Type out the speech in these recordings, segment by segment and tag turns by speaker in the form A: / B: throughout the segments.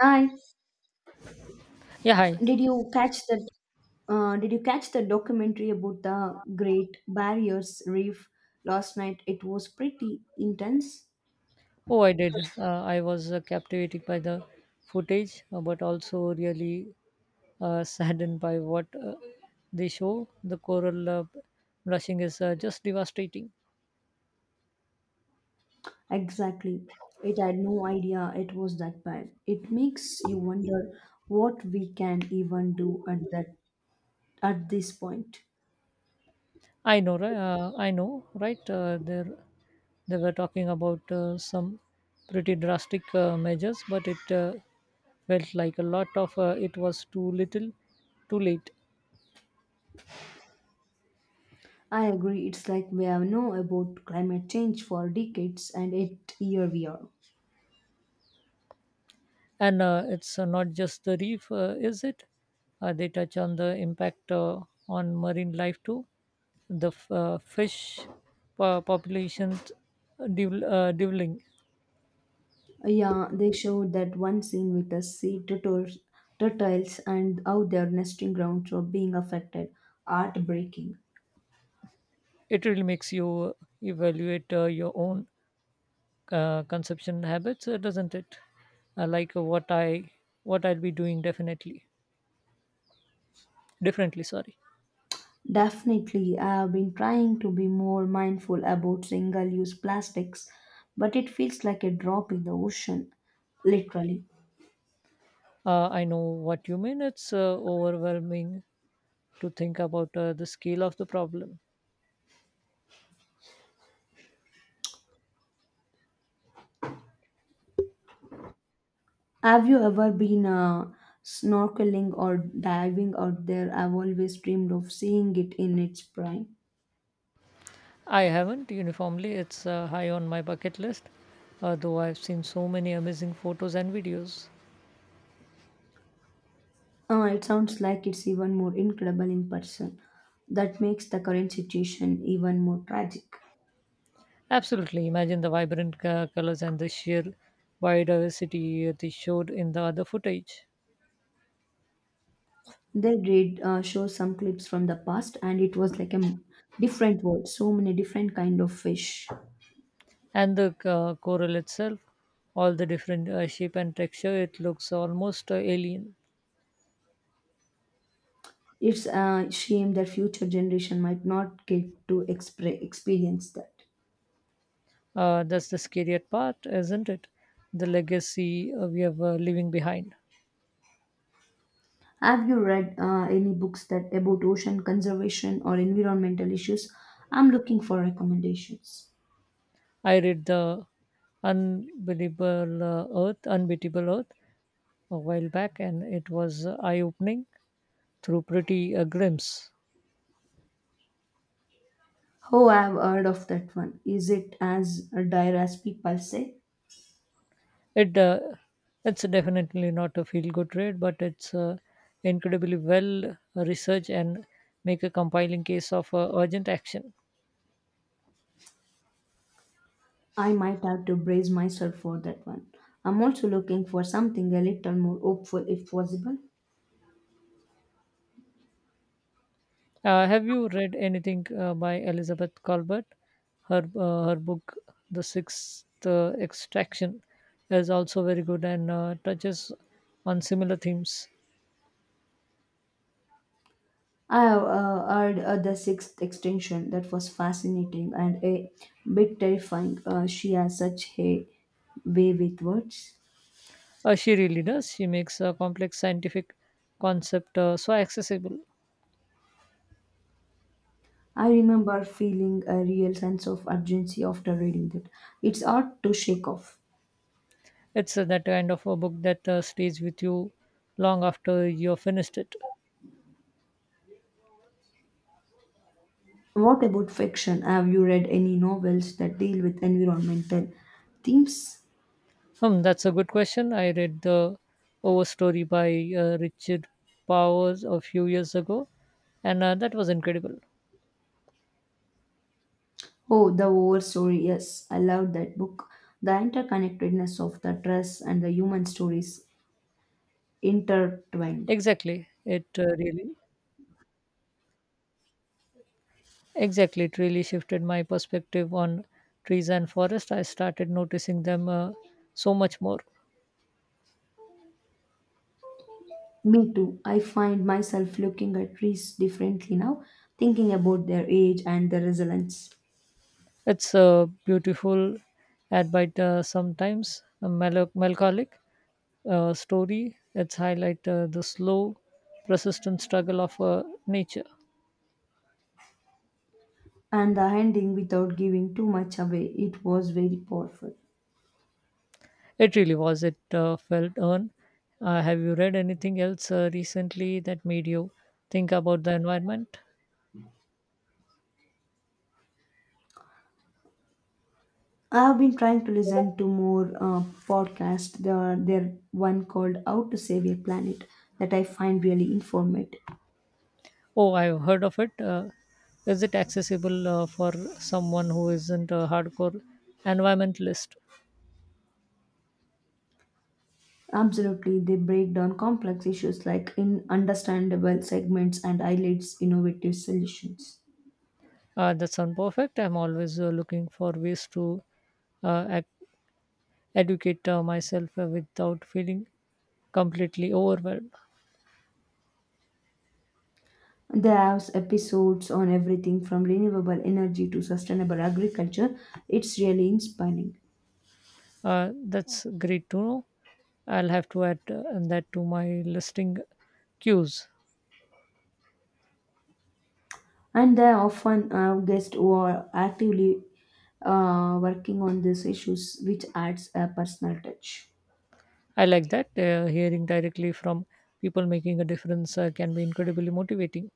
A: And
B: Yeah, hi.
A: did you catch that? Did you catch the documentary about the Great Barriers Reef last night? It was pretty intense.
B: Oh, I did. I was captivated by the footage, but also really saddened by what they show. The coral blushing is just devastating.
A: Exactly. It had no idea it was that bad. It makes you wonder what we can even do at that at this point.
B: I know, right? I know, right? They were talking about some pretty drastic measures, but it felt like a lot of it was too little, too late.
A: I agree. It's like we have known about climate change for decades, and it here we are.
B: And it's not just the reef, is it? They touch on the impact on marine life too. The fish population doubling. Doubling.
A: Yeah, they showed that one scene with the sea turtles and how their nesting grounds were being affected. Heartbreaking.
B: It really makes you evaluate your own consumption habits, doesn't it? Like what I'll be doing definitely differently. Sorry.
A: Definitely, I have been trying to be more mindful about single use plastics, but it feels like a drop in the ocean, literally.
B: I know what you mean. It's overwhelming to think about the scale of the problem.
A: Have you ever been snorkeling or diving out there? I've always dreamed of seeing it in its prime.
B: I haven't uniformly. It's high on my bucket list, though I've seen so many amazing photos and videos.
A: It sounds like it's even more incredible in person. That makes the current situation even more tragic.
B: Absolutely. Imagine the vibrant colors and the sheer biodiversity they showed in the other footage.
A: They did show some clips from the past, and it was like a different world. So many different kind of fish.
B: And the coral itself, all the different shape and texture, it looks almost alien.
A: It's a shame that future generation might not get to experience that.
B: That's the scariest part, isn't it? The legacy we have leaving behind.
A: Have you read any books that about ocean conservation or environmental issues? I'm looking for recommendations.
B: I read the Unbelievable Earth, Unbeatable Earth a while back, and it was eye-opening through pretty glimpse.
A: Oh, I've heard of that one. Is it as dire as people say?
B: It uh, it's definitely not a feel-good read, but it's incredibly well researched and make a compiling case of urgent action.
A: I might have to brace myself for that one. I'm also looking for something a little more hopeful if possible.
B: Have you read anything by Elizabeth Colbert? Her book, The Sixth Extraction, is also very good and touches on similar themes.
A: I have heard the sixth extension that was fascinating and a bit terrifying. She has such a way with words.
B: She really does. She makes a complex scientific concept so accessible.
A: I remember feeling a real sense of urgency after reading that. It's hard to shake off.
B: It's that kind of a book that stays with you long after you're finished it.
A: What about fiction? Have you read any novels that deal with environmental themes?
B: Hmm, that's a good question. I read the Overstory by Richard Powers a few years ago, and that was incredible.
A: Oh, The War Story. Yes, I loved that book. The interconnectedness of the dress and the human stories intertwined.
B: Exactly, it uh, really exactly, it really shifted my perspective on trees and forest. I started noticing them so much more.
A: Me too. I find myself looking at trees differently now, thinking about their age and their resilience.
B: It's beautiful, and by the sometimes a melancholic story. It's highlight the slow, persistent struggle of nature.
A: And the ending, without giving too much away, it was very powerful.
B: It really was. It felt earned. Have you read anything else recently that made you think about the environment?
A: I have been trying to listen to more podcasts. There are there one called "How to Save Your Planet" that I find really informative.
B: Oh, I've heard of it. Is it accessible for someone who isn't a hardcore environmentalist?
A: Absolutely, they break down complex issues like in understandable segments and highlights innovative solutions.
B: That sounds perfect. I'm always looking for ways to uh, educate myself without feeling completely overwhelmed.
A: They have episodes on everything from renewable energy to sustainable agriculture. It's really inspiring,
B: That's great to know. I'll have to add that to my listing cues.
A: and they often have guests who are actively working on these issues, which adds a personal touch.
B: I like that. Hearing directly from people making a difference can be incredibly motivating.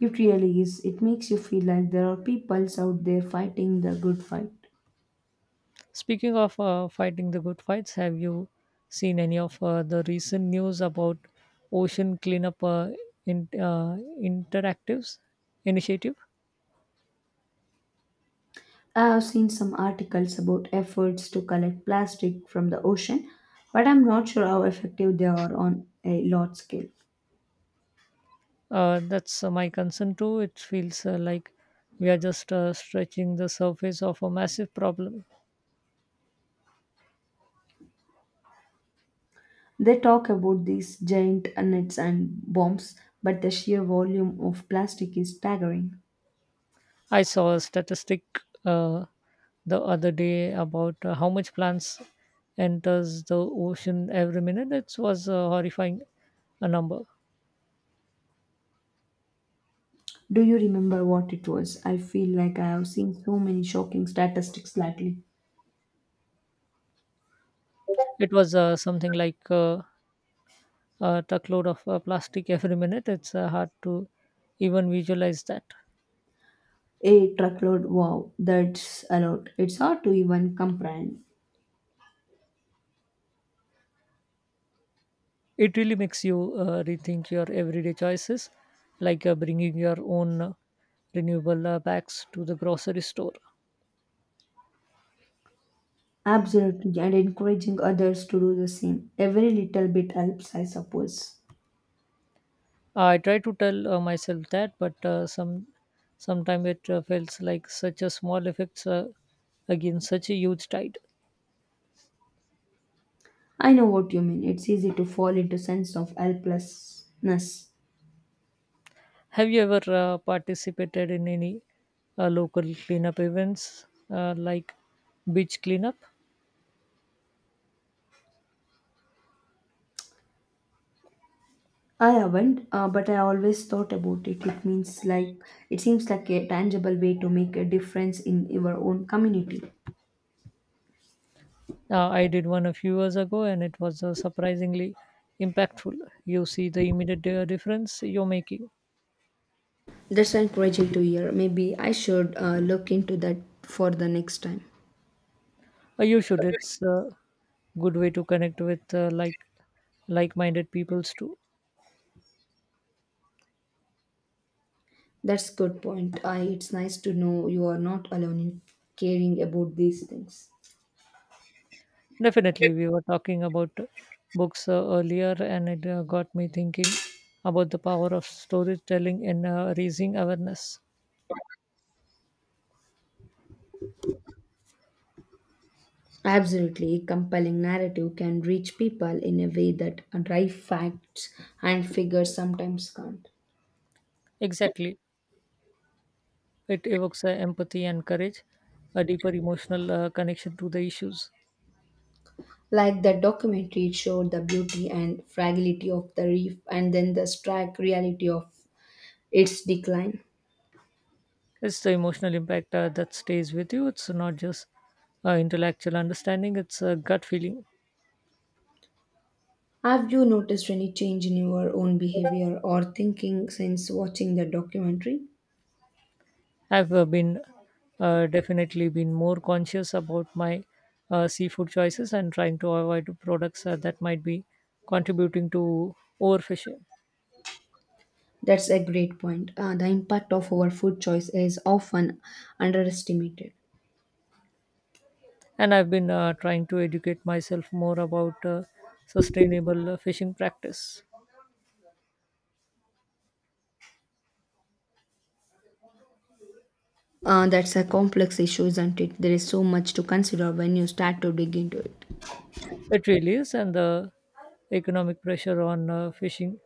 A: It really is. It makes you feel like there are peoples out there fighting the good fight.
B: Speaking of fighting the good fights, have you seen any of the recent news about ocean cleanup interactives initiative?
A: I have seen some articles about efforts to collect plastic from the ocean, but I'm not sure how effective they are on a large scale.
B: That's my concern too. It feels like we are just stretching the surface of a massive problem.
A: They talk about these giant nets and bombs, but the sheer volume of plastic is staggering.
B: I saw a statistic uh, the other day about how much plants enters the ocean every minute. It was a horrifying a number.
A: Do you remember what it was? I feel like I have seen so many shocking statistics lately.
B: It was something like a truckload of plastic every minute. It's hard to even visualize that.
A: A truckload, wow, that's a lot. It's hard to even comprehend.
B: It really makes you rethink your everyday choices, like bringing your own renewable bags to the grocery store.
A: Absolutely, and encouraging others to do the same. Every little bit helps, I suppose.
B: I try to tell myself that, but sometimes it feels like such a small effects against such a huge tide.
A: I know what you mean. It's easy to fall into sense of helplessness.
B: Have you ever participated in any local cleanup events like beach cleanup?
A: I haven't, but I always thought about it. It means like it seems like a tangible way to make a difference in your own community.
B: I did one a few years ago, and it was surprisingly impactful. You see the immediate difference you're making.
A: That's encouraging to hear. Maybe I should look into that for the next time.
B: You should. It's a good way to connect with like-minded peoples too.
A: That's good point. It's nice to know you are not alone in caring about these things.
B: Definitely, we were talking about books earlier, and it got me thinking about the power of storytelling in raising awareness.
A: Absolutely, compelling narrative can reach people in a way that dry facts and figures sometimes can't.
B: Exactly, it evokes empathy and courage, a deeper emotional connection to the issues.
A: Like that documentary, it showed the beauty and fragility of the reef and then the stark reality of its decline.
B: It's the emotional impact that stays with you. It's not just intellectual understanding, it's a gut feeling.
A: Have you noticed any change in your own behavior or thinking since watching the documentary?
B: I've been definitely been more conscious about my seafood choices and trying to avoid products that might be contributing to overfishing.
A: That's a great point. The impact of our food choice is often underestimated.
B: And I've been trying to educate myself more about sustainable fishing practice.
A: That's a complex issue, isn't it? There is so much to consider when you start to dig into it.
B: It really is, and the economic pressure on fishing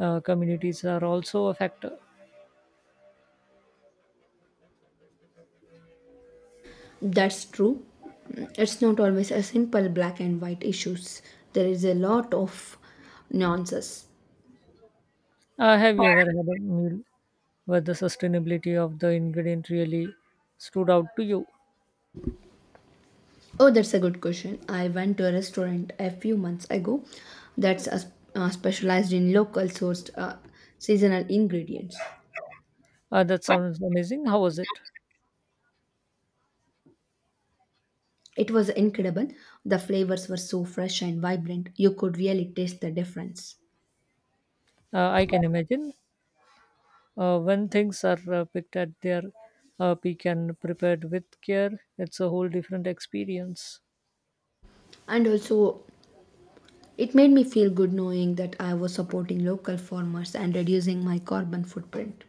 B: communities are also a factor.
A: That's true. It's not always a simple black and white issues. There is a lot of nuances.
B: Have you ever had a meal where the sustainability of the ingredient really stood out to you?
A: Oh, that's a good question. I went to a restaurant a few months ago that's specialized in local sourced seasonal ingredients.
B: That sounds amazing. How was it?
A: It was incredible. The flavors were so fresh and vibrant. You could really taste the difference.
B: I can imagine. When things are picked at their peak and prepared with care, it's a whole different experience.
A: And also, it made me feel good knowing that I was supporting local farmers and reducing my carbon footprint.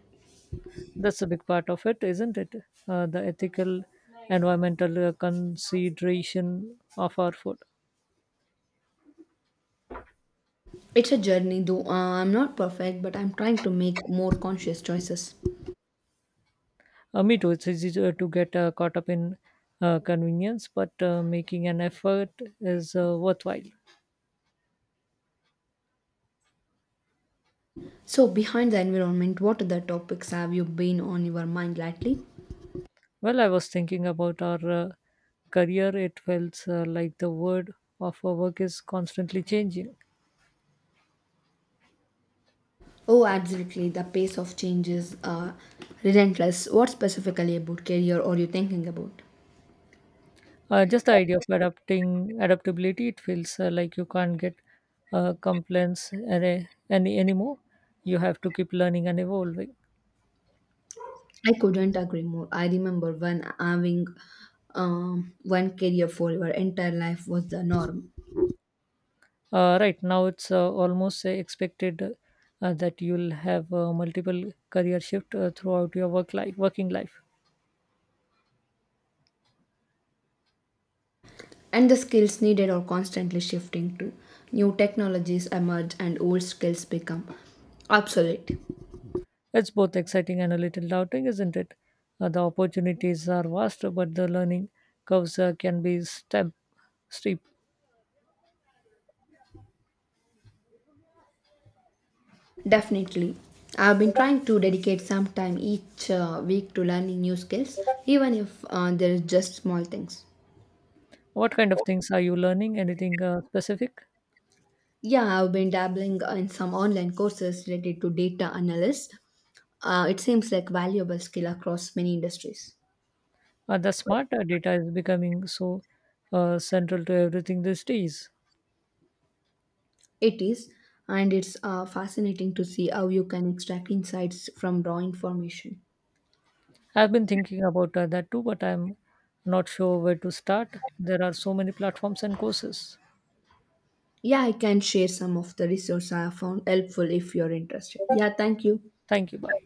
B: That's a big part of it, isn't it? The ethical, environmental consideration of our food.
A: It's a journey, though I'm not perfect, but I'm trying to make more conscious choices.
B: Me too. It's easy to get caught up in convenience, but making an effort is worthwhile.
A: So, behind the environment, what other topics have you been on your mind lately?
B: Well, I was thinking about our career. It felt like the world of our work is constantly changing.
A: Oh, absolutely. The pace of change is relentless. What specifically about career are you thinking about?
B: Just the idea of adapting adaptability. It feels like you can't get complaints anymore. You have to keep learning and evolving.
A: I couldn't agree more. I remember when having one career for your entire life was the norm.
B: Right now, it's almost expected that you'll have multiple career shift throughout your working life.
A: And the skills needed are constantly shifting too. New technologies emerge and old skills become obsolete.
B: It's both exciting and a little daunting, isn't it? The opportunities are vast, but the learning curves can be steep.
A: Definitely. I've been trying to dedicate some time each week to learning new skills, even if they're just small things.
B: What kind of things are you learning? Anything specific?
A: Yeah, I've been dabbling in some online courses related to data analysis. It seems like valuable skill across many industries.
B: The smart data is becoming so central to everything these days.
A: It is, and it's fascinating to see how you can extract insights from raw information.
B: I've been thinking about that too, but I'm not sure where to start. There are so many platforms and courses.
A: Yeah, I can share some of the resources I have found helpful if you're interested. Yeah, thank you.
B: Thank you. Bye.